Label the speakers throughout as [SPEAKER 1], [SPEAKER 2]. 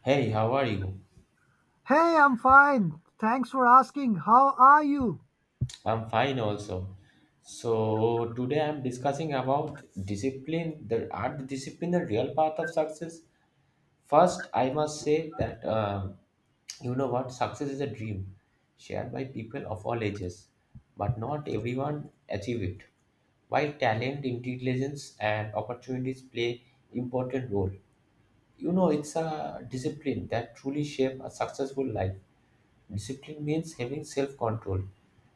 [SPEAKER 1] Hey, how are you?
[SPEAKER 2] Hey, I'm fine. Thanks for asking. How are you?
[SPEAKER 1] I'm fine also. So today I'm discussing about discipline, the discipline, the real path of success. First, I must say that you know what, success is a dream shared by people of all ages, but not everyone achieve it. While talent, intelligence, and opportunities play important role, you know it's a discipline that truly shape a successful life. Discipline means having self control,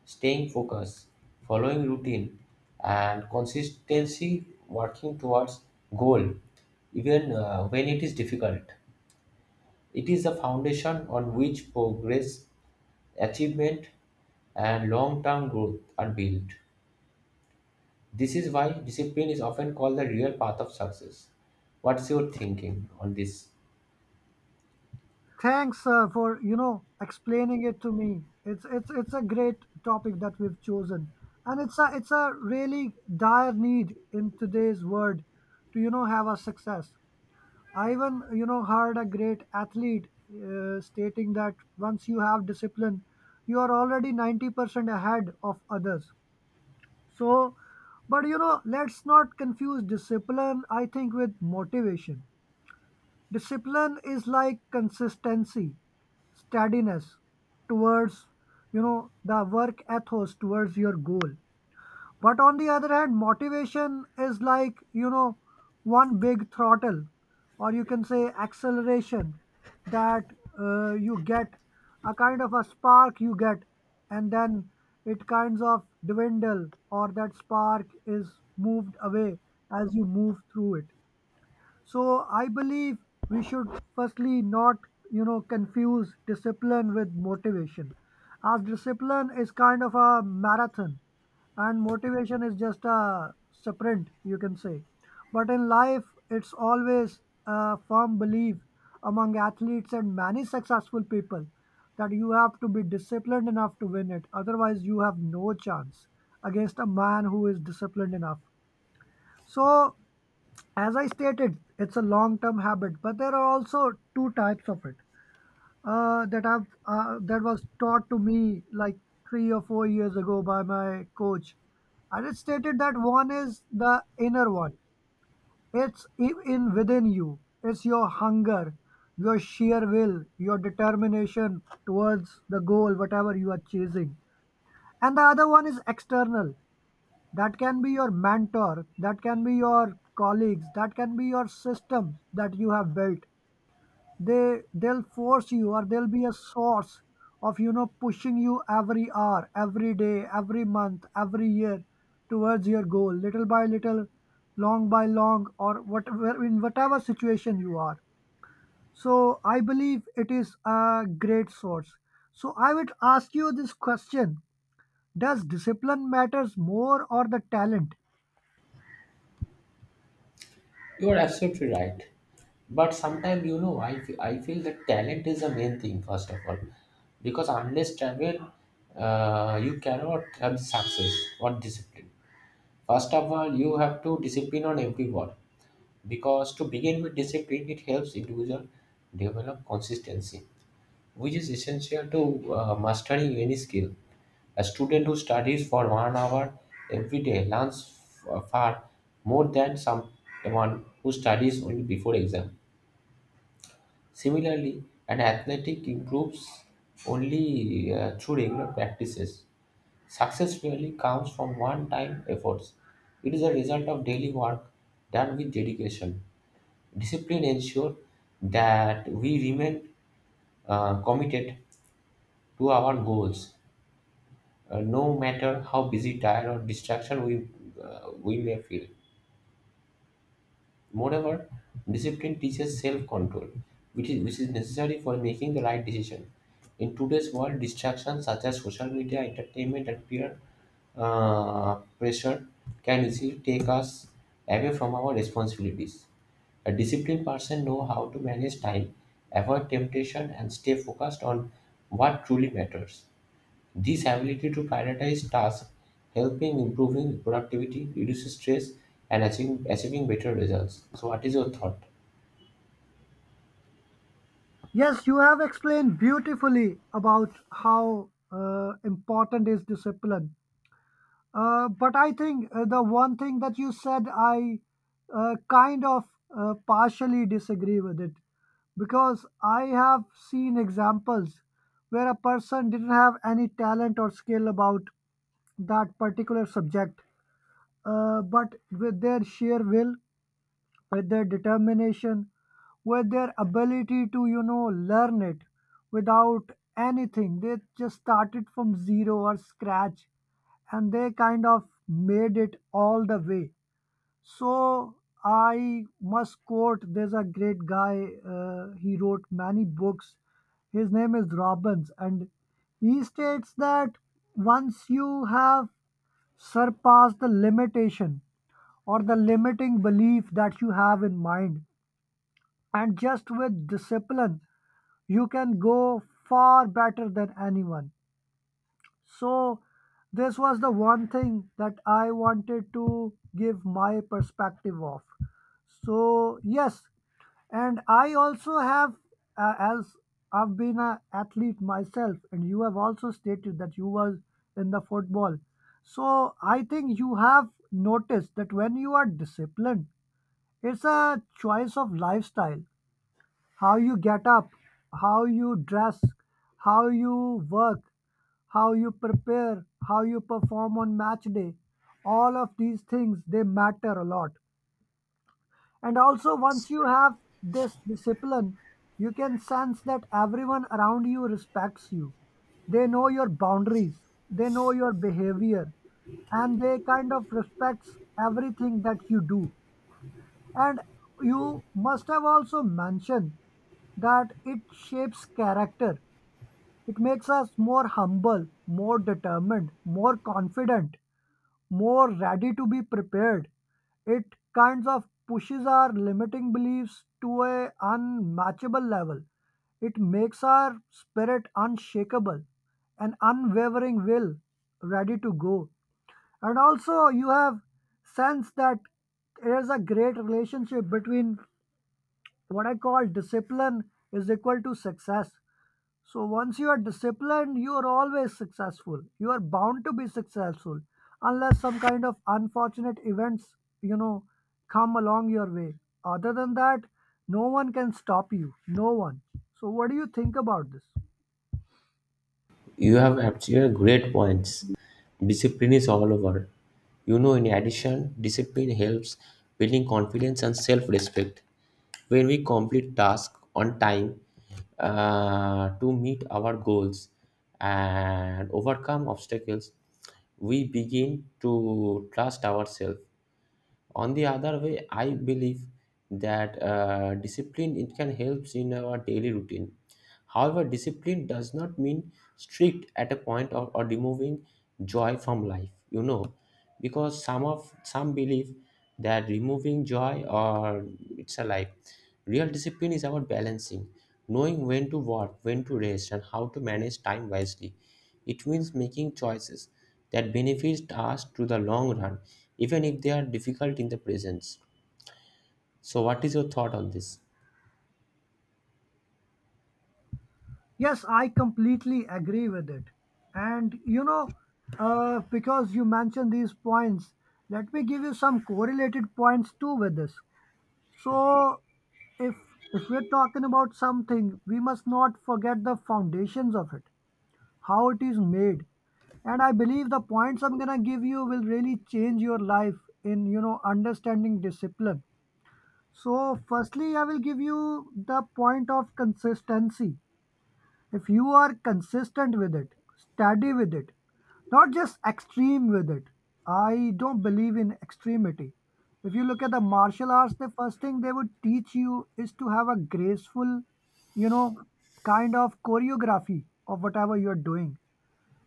[SPEAKER 1] staying focused, following routine, and consistency working towards goal, even when it is difficult. It is the foundation on which progress, achievement, and long term growth are built. This is why discipline is often called the real path of success. What's your thinking on this?
[SPEAKER 2] Thanks for explaining it to me. It's a great topic that we've chosen, and it's a really dire need in today's world to have a success. I even heard a great athlete stating that once you have discipline, you are already 90% ahead of others. So, but let's not confuse discipline, I think, with motivation. Discipline is like consistency, steadiness towards the work ethos towards your goal. But on the other hand, motivation is like one big throttle, or you can say acceleration that you get, a kind of a spark you get, and then it kinds of dwindle, or that spark is moved away as you move through it. So I believe we should firstly not, confuse discipline with motivation, as discipline is kind of a marathon, and motivation is just a sprint, you can say. But in life, it's always a firm belief among athletes and many successful people that you have to be disciplined enough to win it. Otherwise, you have no chance against a man who is disciplined enough. So, as I stated, it's a long-term habit, but there are also two types of it, that I've that was taught to me like 3 or 4 years ago by my coach, and it stated that one is the inner one. It's in within you. It's your hunger, your sheer will, your determination towards the goal, whatever you are chasing, and the other one is external. That can be your mentor, that can be your colleagues, that can be your system that you have built. They'll force you, or they'll be a source of pushing you every hour, every day, every month, every year towards your goal, little by little, long by long, or whatever, in whatever situation you are. So I believe it is a great source. So I would ask you this question: does discipline matters more, or the talent?
[SPEAKER 1] You're absolutely right. But sometimes, you know, I feel that talent is the main thing, first of all. Because unless talent, you cannot have success or discipline. First of all, you have to discipline on everyone. Because to begin with discipline, it helps individual develop consistency, which is essential to mastering any skill. A student who studies for 1 hour every day learns far more than someone who studies only before exam. Similarly, an athletic improves only through regular practices. Success really comes from one-time efforts. It is a result of daily work done with dedication. Discipline ensures that we remain committed to our goals no matter how busy, tired, or distraction we may feel. Moreover, discipline teaches self control, which is necessary for making the right decision. In today's world, distractions such as social media, entertainment, and peer pressure can easily take us away from our responsibilities. A disciplined person knows how to manage time, avoid temptation, and stay focused on what truly matters. This ability to prioritize tasks help in improving productivity, reduces stress, and achieving better results. So, what is your thought?
[SPEAKER 2] Yes, you have explained beautifully about how important is discipline. But I think the one thing that you said, I kind of partially disagree with it, because I have seen examples where a person didn't have any talent or skill about that particular subject, but with their sheer will, with their determination, with their ability to, you know, learn it without anything. They just started from zero or scratch, and they kind of made it all the way. So I must quote, there's a great guy, he wrote many books. His name is Robbins, and he states that once you have surpassed the limitation or the limiting belief that you have in mind, and just with discipline, you can go far better than anyone. So, this was the one thing that I wanted to give my perspective of. So, yes, and I also have, as I've been an athlete myself, and you have also stated that you were in the football. So, I think you have noticed that when you are disciplined, it's a choice of lifestyle: how you get up, how you dress, how you work, how you prepare, how you perform on match day. All of these things, they matter a lot. And also, once you have this discipline, you can sense that everyone around you respects you. They know your boundaries, they know your behavior, and they kind of respects everything that you do. And you must have also mentioned that it shapes character. It makes us more humble, more determined, more confident, more ready to be prepared. It kinds of pushes our limiting beliefs to a unmatchable level. It makes our spirit unshakable, an unwavering will, ready to go. And also, you have sense that there's a great relationship between what I call discipline is equal to success. So once you are disciplined, you are always successful. You are bound to be successful, unless some kind of unfortunate events, you know, come along your way. Other than that, no one can stop you. No one. So what do you think about this?
[SPEAKER 1] You have actually great points. Discipline is all over. You know, in addition, discipline helps building confidence and self-respect. When we complete tasks on time to meet our goals and overcome obstacles, we begin to trust ourselves. On the other way, I believe that discipline it can help in our daily routine. However, discipline does not mean strict at a point, or removing joy from life, you know, because some of some believe that removing joy or it's a life, real discipline is about balancing, knowing when to work, when to rest, and how to manage time wisely. It means making choices that benefits us to the long run, even if they are difficult in the present. So, what is your thought on this?
[SPEAKER 2] Yes, I completely agree with it. And because you mentioned these points, let me give you some correlated points too with this. So, if if we're talking about something, we must not forget the foundations of it, how it is made. And I believe the points I'm gonna give you will really change your life in understanding discipline. So, firstly, I will give you the point of consistency. If you are consistent with it, steady with it, not just extreme with it. I don't believe in extremity. If you look at the martial arts, the first thing they would teach you is to have a graceful, you know, kind of choreography of whatever you're doing.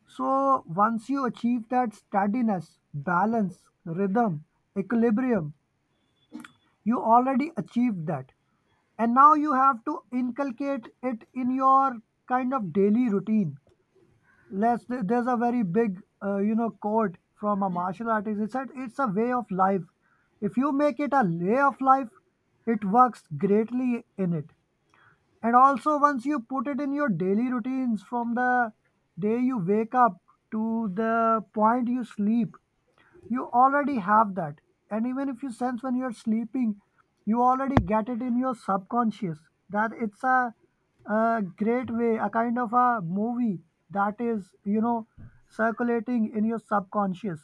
[SPEAKER 2] So once you achieve that steadiness, balance, rhythm, equilibrium, you already achieved that. And now you have to inculcate it in your kind of daily routine. Let's, there's a very big quote from a martial artist. It said it's a way of life. If you make it a way of life, it works greatly in it. And also, once you put it in your daily routines, from the day you wake up to the point you sleep, you already have that. And even if you sense when you're sleeping, you already get it in your subconscious that it's a great way, a kind of a movie that is, you know, circulating in your subconscious.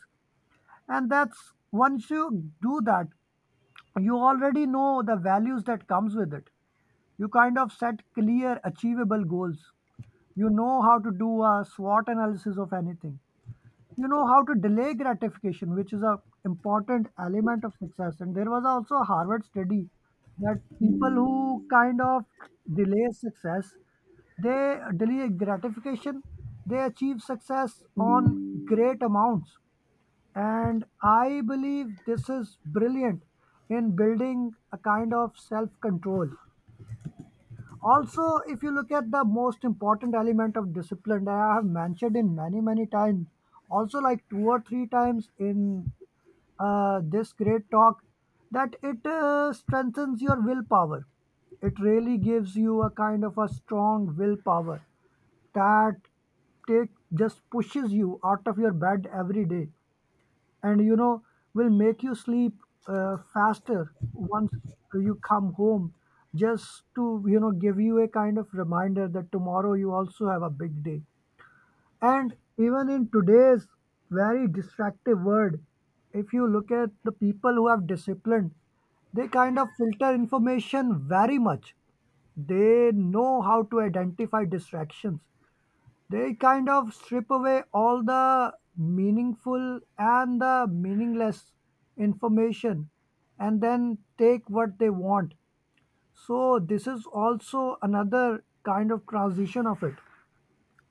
[SPEAKER 2] And that's, once you do that, you already know the values that comes with it. You kind of set clear, achievable goals. You know how to do a SWOT analysis of anything. You know how to delay gratification, which is a important element of success. And there was also a Harvard study that people who kind of delay success, they delay gratification, they achieve success on great amounts. And I believe this is brilliant in building a kind of self control. Also, if you look at the most important element of discipline that I have mentioned in many many times, also like two or three times in this great talk, that it strengthens your willpower. It really gives you a kind of a strong willpower that take just pushes you out of your bed every day, and, you know, will make you sleep faster once you come home, just to give you a kind of reminder that tomorrow you also have a big day. And even in today's very distractive world, if you look at the people who have discipline, they kind of filter information very much. They know how to identify distractions. They kind of strip away all the meaningful and the meaningless information, and then take what they want. So this is also another kind of transition of it.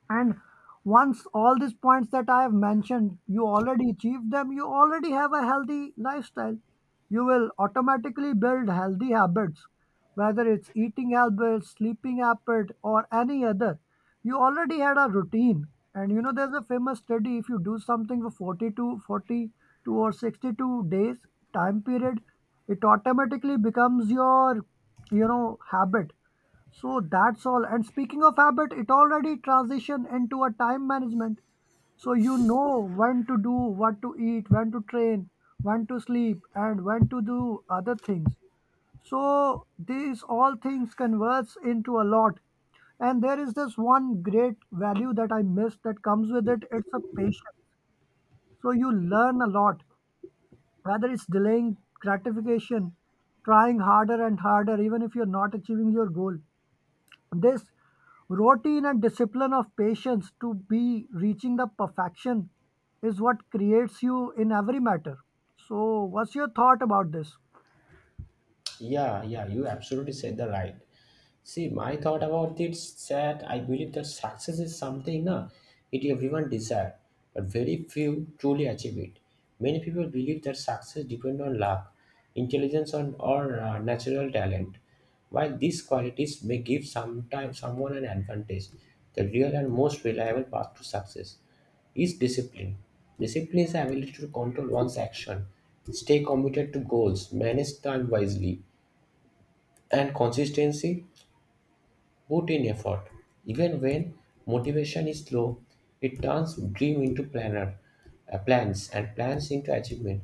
[SPEAKER 2] And once all these points that I have mentioned, you already achieve them, you already have a healthy lifestyle. You will automatically build healthy habits, whether it's eating habits, sleeping habit, or any other. You already had a routine. And you know, there's a famous study, if you do something for forty-two or 62 days time period, it automatically becomes your, you know, habit. So that's all. And speaking of habit, it already transitioned into a time management. So you know when to do, what to eat, when to train, when to sleep, and when to do other things. So these all things converts into a lot. And there is this one great value that I missed that comes with it. It's a patience. So you learn a lot, whether it's delaying gratification, trying harder and harder, even if you're not achieving your goal, this routine and discipline of patience to be reaching the perfection is what creates you in every matter. So, what's your thought about this?
[SPEAKER 1] Yeah, yeah, you absolutely said the right. See, my thought about it is that I believe that success is something it everyone desire, but very few truly achieve it. Many people believe that success depends on luck, intelligence, on, or natural talent. While these qualities may give someone an advantage, the real and most reliable path to success is discipline. Discipline is the ability to control one's action, stay committed to goals, manage time wisely, and consistency put in effort. Even when motivation is low, it turns dream into plans, and plans into achievement.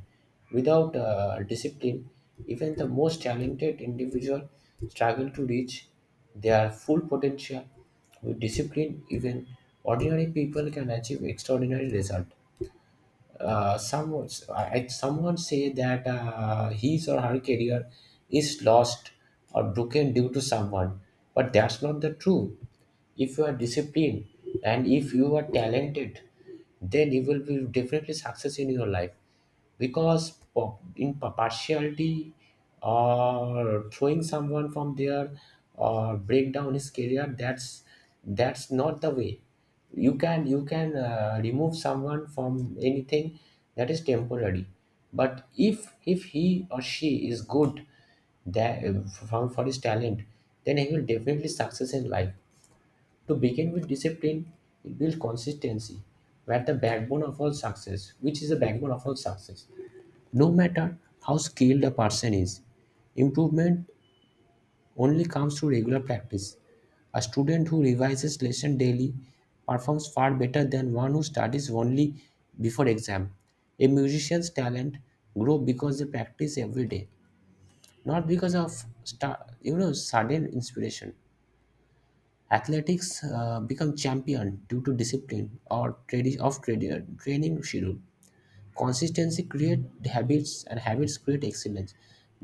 [SPEAKER 1] Without discipline, even the most talented individual struggle to reach their full potential. With discipline, even ordinary people can achieve extraordinary results. uh, someone Someone say that his or her career is lost or broken due to someone, but that's not the truth. If you are disciplined and if you are talented, then you will be definitely success in your life. Because partiality or throwing someone from there or break down his career, that's not the way. You can remove someone from anything, that is temporary. But if he or she is good, that for his talent, then he will definitely success in life. To begin with discipline, it builds consistency, where the backbone of all success, which is the backbone of all success. No matter how skilled a person is, improvement only comes through regular practice. A student who revises lesson daily performs far better than one who studies only before exam. A musician's talent grow because they practice every day, not because of you know sudden inspiration. Athletics become champion due to discipline or training schedule. Consistency create habits, and habits create excellence.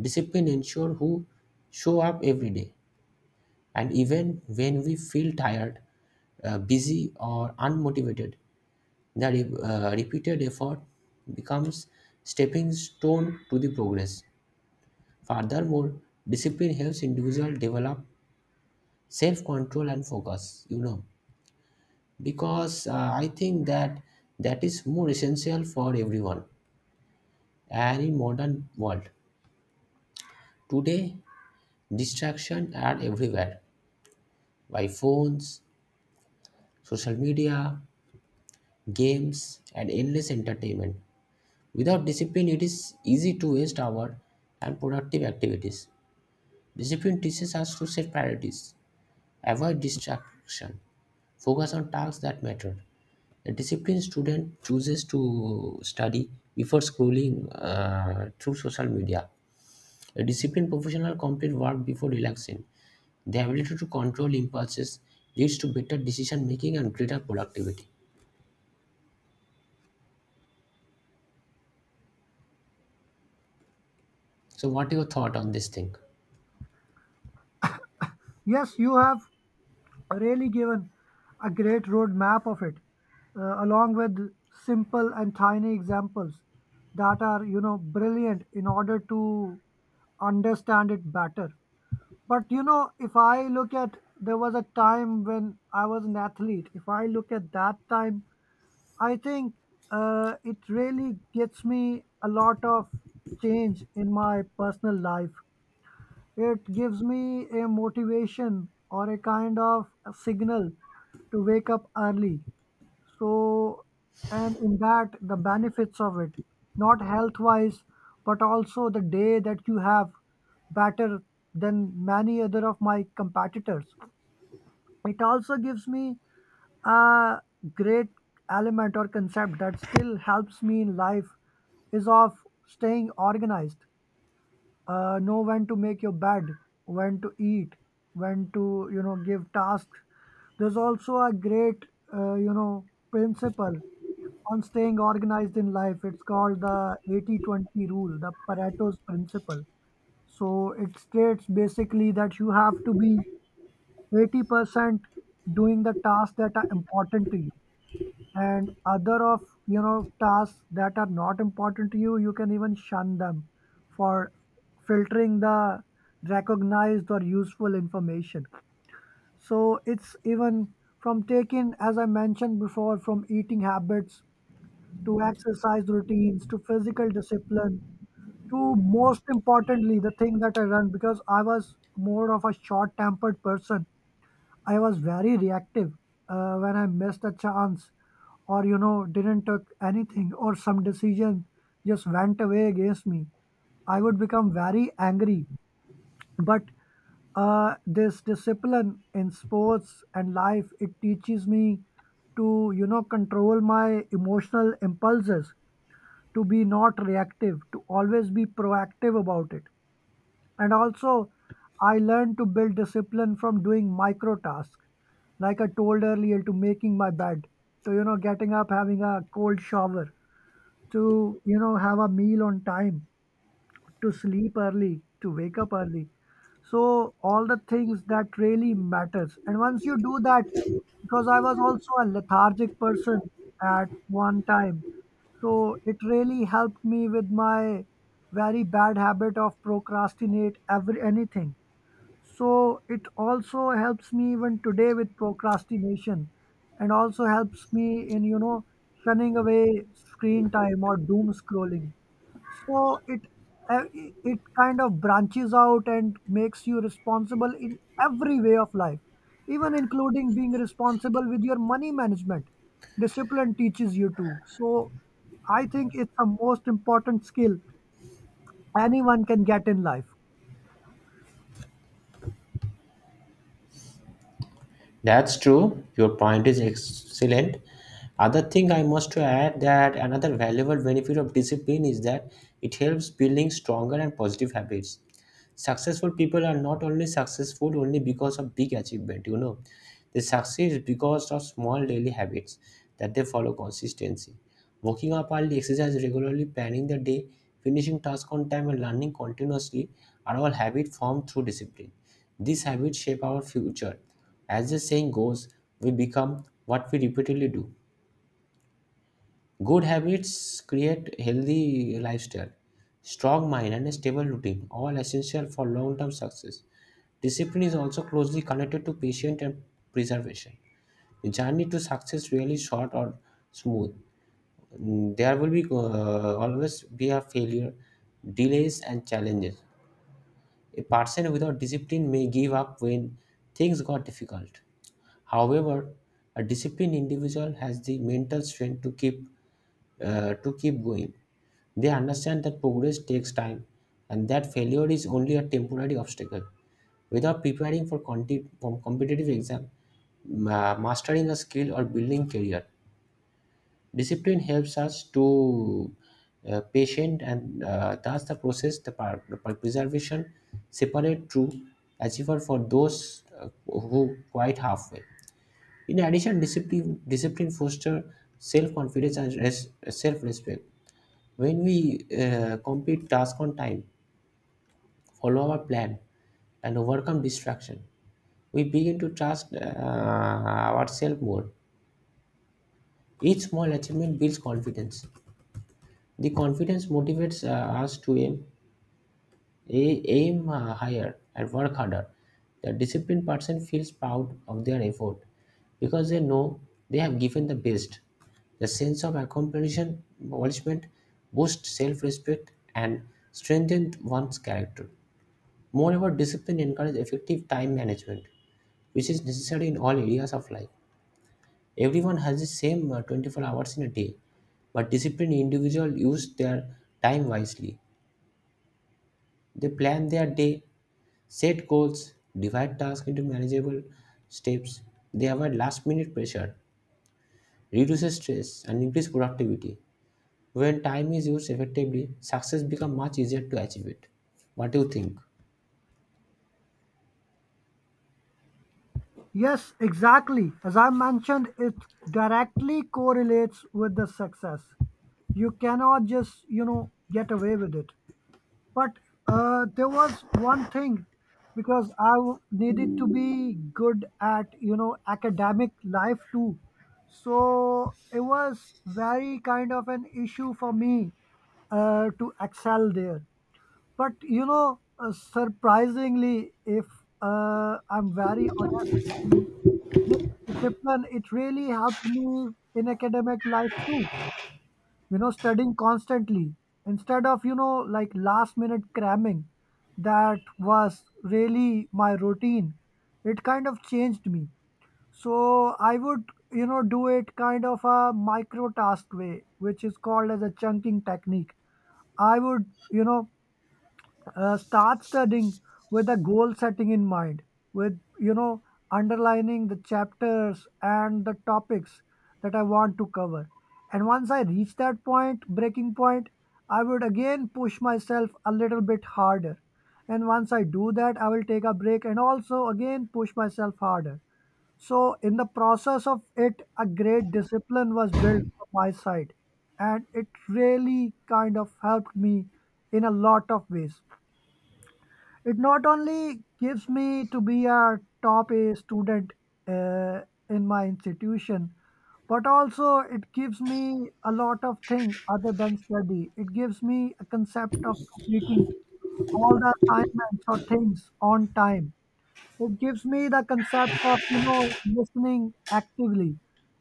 [SPEAKER 1] Discipline ensure who show up every day. And even when we feel tired, busy or unmotivated, the repeated effort becomes stepping stone to the progress. Furthermore, discipline helps individual develop self-control and focus. You know, because I think that that is more essential for everyone. And in modern world today, distraction are everywhere, by phones, social media, games, and endless entertainment. Without discipline, it is easy to waste our and productive activities. Discipline teaches us to set priorities, avoid distraction, focus on tasks that matter. A disciplined student chooses to study before scrolling through social media. A disciplined professional completes work before relaxing. The ability to control impulses leads to better decision making and greater productivity. So, what are your thought on this thing?
[SPEAKER 2] Yes, you have really given a great roadmap of it, along with simple and tiny examples that are, you know, brilliant in order to understand it better. But, you know, if I look at, there was a time when I was an athlete, if I look at that time, I think it really gets me a lot of change in my personal life. It gives me a motivation or a kind of a signal to wake up early. So, and in that, the benefits of it, not health wise, but also the day that you have better than many other of my competitors. It also gives me a great element or concept that still helps me in life is of staying organized, know when to make your bed, when to eat, when to give tasks. There's also a great principle on staying organized in life. It's called the 80-20 rule, the Pareto's principle. So it states basically that you have to be 80% doing the tasks that are important to you, and other of tasks that are not important to you, you can even shun them, for filtering the recognized or useful information. So it's even from taking, as I mentioned before, from eating habits to exercise routines, to physical discipline, to most importantly the thing that I run, because I was more of a short tempered person. I was very reactive when I missed a chance or didn't took anything, or some decision just went away against me, I would become very angry. But this discipline in sports and life, it teaches me to control my emotional impulses, to be not reactive, to always be proactive about it. And also, I learned to build discipline from doing micro tasks, like I told earlier, to making my bed, to getting up, having a cold shower, to have a meal on time, to sleep early, to wake up early. So all the things that really matters, and once you do that, because I was also a lethargic person at one time, so it really helped me with my very bad habit of procrastinate every anything. So it also helps me even today with procrastination, and also helps me in, shunning away screen time or doom scrolling. So it kind of branches out and makes you responsible in every way of life, even including being responsible with your money management. Discipline teaches you to, so I think it's the most important skill anyone can get in life.
[SPEAKER 1] That's true. Your point is excellent. Other thing I must to add that another valuable benefit of discipline is that it helps building stronger and positive habits. Successful people are not only successful only because of big achievement, you know, they succeed because of small daily habits that they follow consistency: waking up early, exercise regularly, planning the day, finishing tasks on time, and learning continuously are all habits formed through discipline. These habits shape our future. As the saying goes, we become what we repeatedly do. Good habits create healthy lifestyle, strong mind, and a stable routine, all essential for long-term success. Discipline is also closely connected to patient and preservation. The journey to success really short or smooth. Mm, there will be always be a failure, delays and challenges. A person without discipline may give up when things got difficult. However, a disciplined individual has the mental strength to keep to keep going. They understand that progress takes time and that failure is only a temporary obstacle. Without preparing for for competitive exam, mastering a skill or building career, discipline helps us to patient and thus the process preservation separate true achiever for those who quite halfway. In addition, discipline foster self confidence and self respect. When we complete tasks on time, follow our plan, and overcome distraction, we begin to trust ourselves more. Each small achievement builds confidence. The confidence motivates us to aim, aim higher and work harder. The disciplined person feels proud of their effort because they know they have given the best. The sense of accomplishment boosts self respect and strengthens one's character. Moreover, discipline encourages effective time management, which is necessary in all areas of life. Everyone has the same 24 hours in a day, but disciplined individuals use their time wisely. They plan their day, set goals, divide tasks into manageable steps. They avoid last minute pressure, reduces stress, and increase productivity. When time is used effectively, success becomes much easier to achieve it. What do you think?
[SPEAKER 2] Yes, exactly, as I mentioned, it directly correlates with the success. You cannot just get away with it. But there was one thing, because needed to be good at academic life too. So it was very kind of an issue for me to excel there. But you know, surprisingly, if I'm very honest with you, this discipline, it really helped me in academic life too. You know, studying constantly instead of like last minute cramming, that was really my routine. It kind of changed me. So I would, you know, do it kind of a micro task way, which is called as a chunking technique. I would, you know start studying with a goal setting in mind, with underlining the chapters and the topics that I want to cover. And once I reach that point, breaking point, I would again push myself a little bit harder, and once I do that, I will take a break and also again push myself harder. So in the process of it, a great discipline was built from my side, and it really kind of helped me in a lot of ways. It not only gives me to be a top A student uh, in my institution, but also it gives me a lot of things other than study. It gives me a concept of completing all the assignments or things on time. It gives me the concept of, you know, listening actively.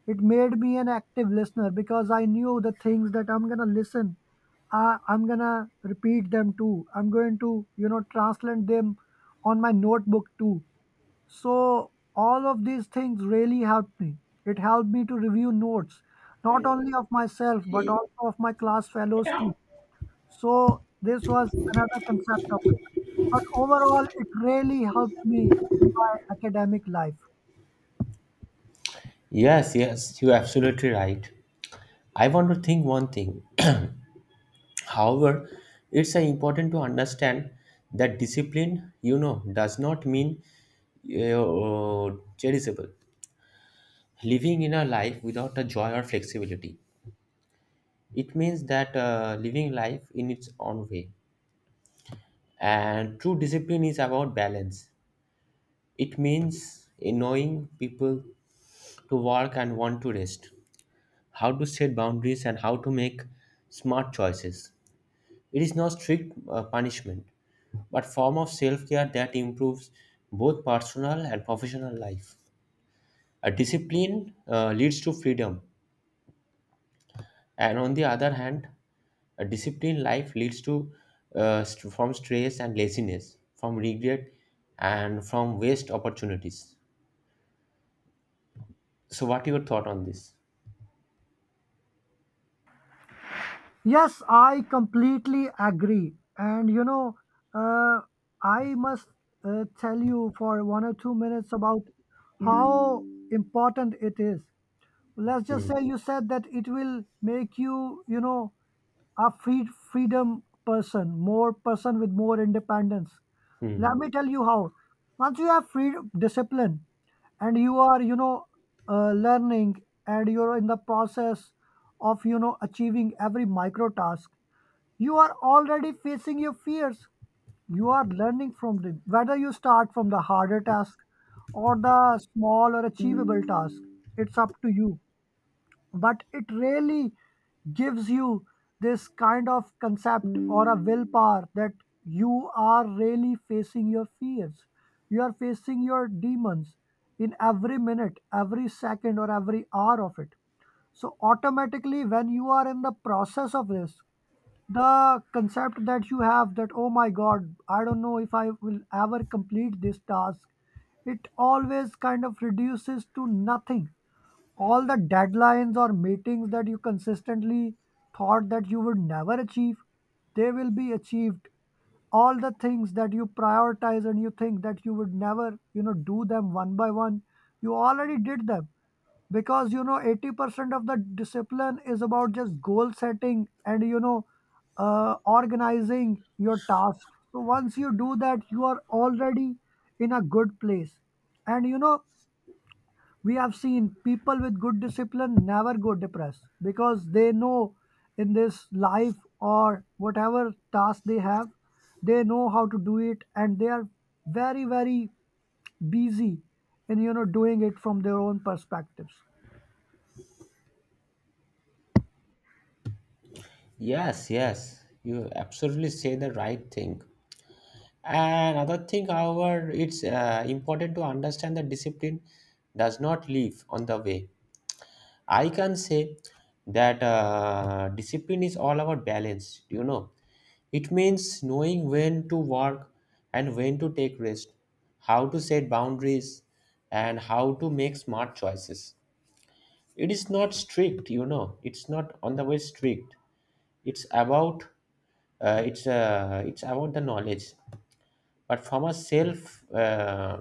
[SPEAKER 2] It made me an active listener, because I knew the things that I'm gonna listen, I'm gonna repeat them too. I'm going to, you know, translate them on my notebook too. So all of these things really helped me. It helped me to review notes, not only of myself, but also of my class fellows too. So this was another concept of it. But overall, it really helped me in my academic life.
[SPEAKER 1] Yes, yes, you're absolutely right. I want to think one thing. However, it's important to understand that discipline, you know, does not mean charitable. Living in a life without a joy or flexibility. It means that living life in its own way. And true discipline is about balance. It means knowing people to work and want to rest, how to set boundaries and how to make smart choices. It is not strict punishment, but form of self-care that improves both personal and professional life. A discipline leads to freedom, and on the other hand, a disciplined life leads to from stress and laziness, from regret, and from waste opportunities. So, what your thought on this?
[SPEAKER 2] Yes, I completely agree. And you know, uh, I must tell you for 1 or 2 minutes about how important it is. Let's just
[SPEAKER 1] Hmm.
[SPEAKER 2] say you said that it will make you, you know, a freedom person, more person with more independence.
[SPEAKER 1] Hmm.
[SPEAKER 2] Let me tell you how. Once you have free discipline, and you are, learning, and you're in the process of, achieving every micro task, you are already facing your fears. You are learning from them. Whether you start from the harder task or the small or achievable task, it's up to you. But it really gives you this kind of concept or a willpower that you are really facing your fears. You are facing your demons in every minute, every second, or every hour of it. So automatically, when you are in the process of this, the concept that you have that, oh my god, I don't know if I will ever complete this task, it always kind of reduces to nothing. All the deadlines or meetings that you consistently thought that you would never achieve, they will be achieved. All the things that you prioritize and you think that you would never, you know, do them one by one, you already did them. Because you know, 80% of the discipline is about just goal setting and, organizing your tasks. So once you do that, you are already in a good place. And you know, we have seen people with good discipline never go depressed, because they know in this life or whatever task they have, they know how to do it, and they are very, very busy in, doing it from their own perspectives.
[SPEAKER 1] Yes, yes, you absolutely say the right thing. Another thing, however, it's important to understand that discipline does not live on the way. I can say that discipline is all about balance, you know. It means knowing when to work and when to take rest, how to set boundaries, and how to make smart choices. It is not strict, you know. It's not on the way strict. It's about it's about the knowledge but from a self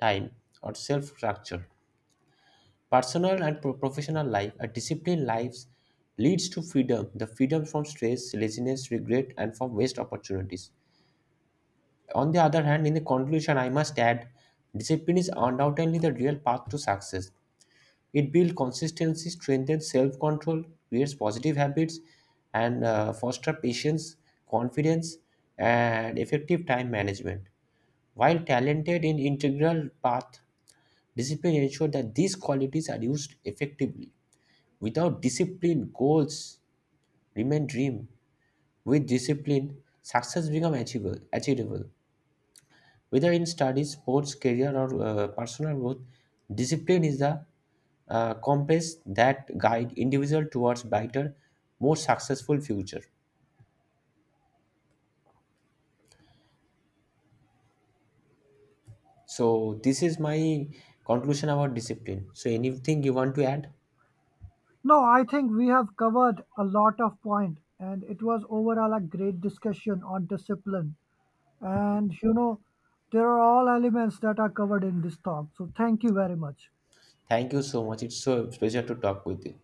[SPEAKER 1] time or self structure. Personal and professional life, a disciplined life leads to freedom, the freedom from stress, laziness, regret, and from waste opportunities. On the other hand, in the conclusion, I must add discipline is undoubtedly the real path to success. It builds consistency, strengthens self control, creates positive habits, and foster patience, confidence, and effective time management. While talented in integral path, discipline ensures that these qualities are used effectively. Without discipline, goals remain dream. With discipline, success becomes achievable. Whether in studies, sports, career, or personal growth, discipline is the compass that guide individual towards brighter, more successful future. So this is my conclusion about discipline. So anything you want to add?
[SPEAKER 2] No, I think we have covered a lot of point, and it was overall a great discussion on discipline. And you know, there are all elements that are covered in this talk. So thank you very much.
[SPEAKER 1] Thank you so much. It's so pleasure to talk with you.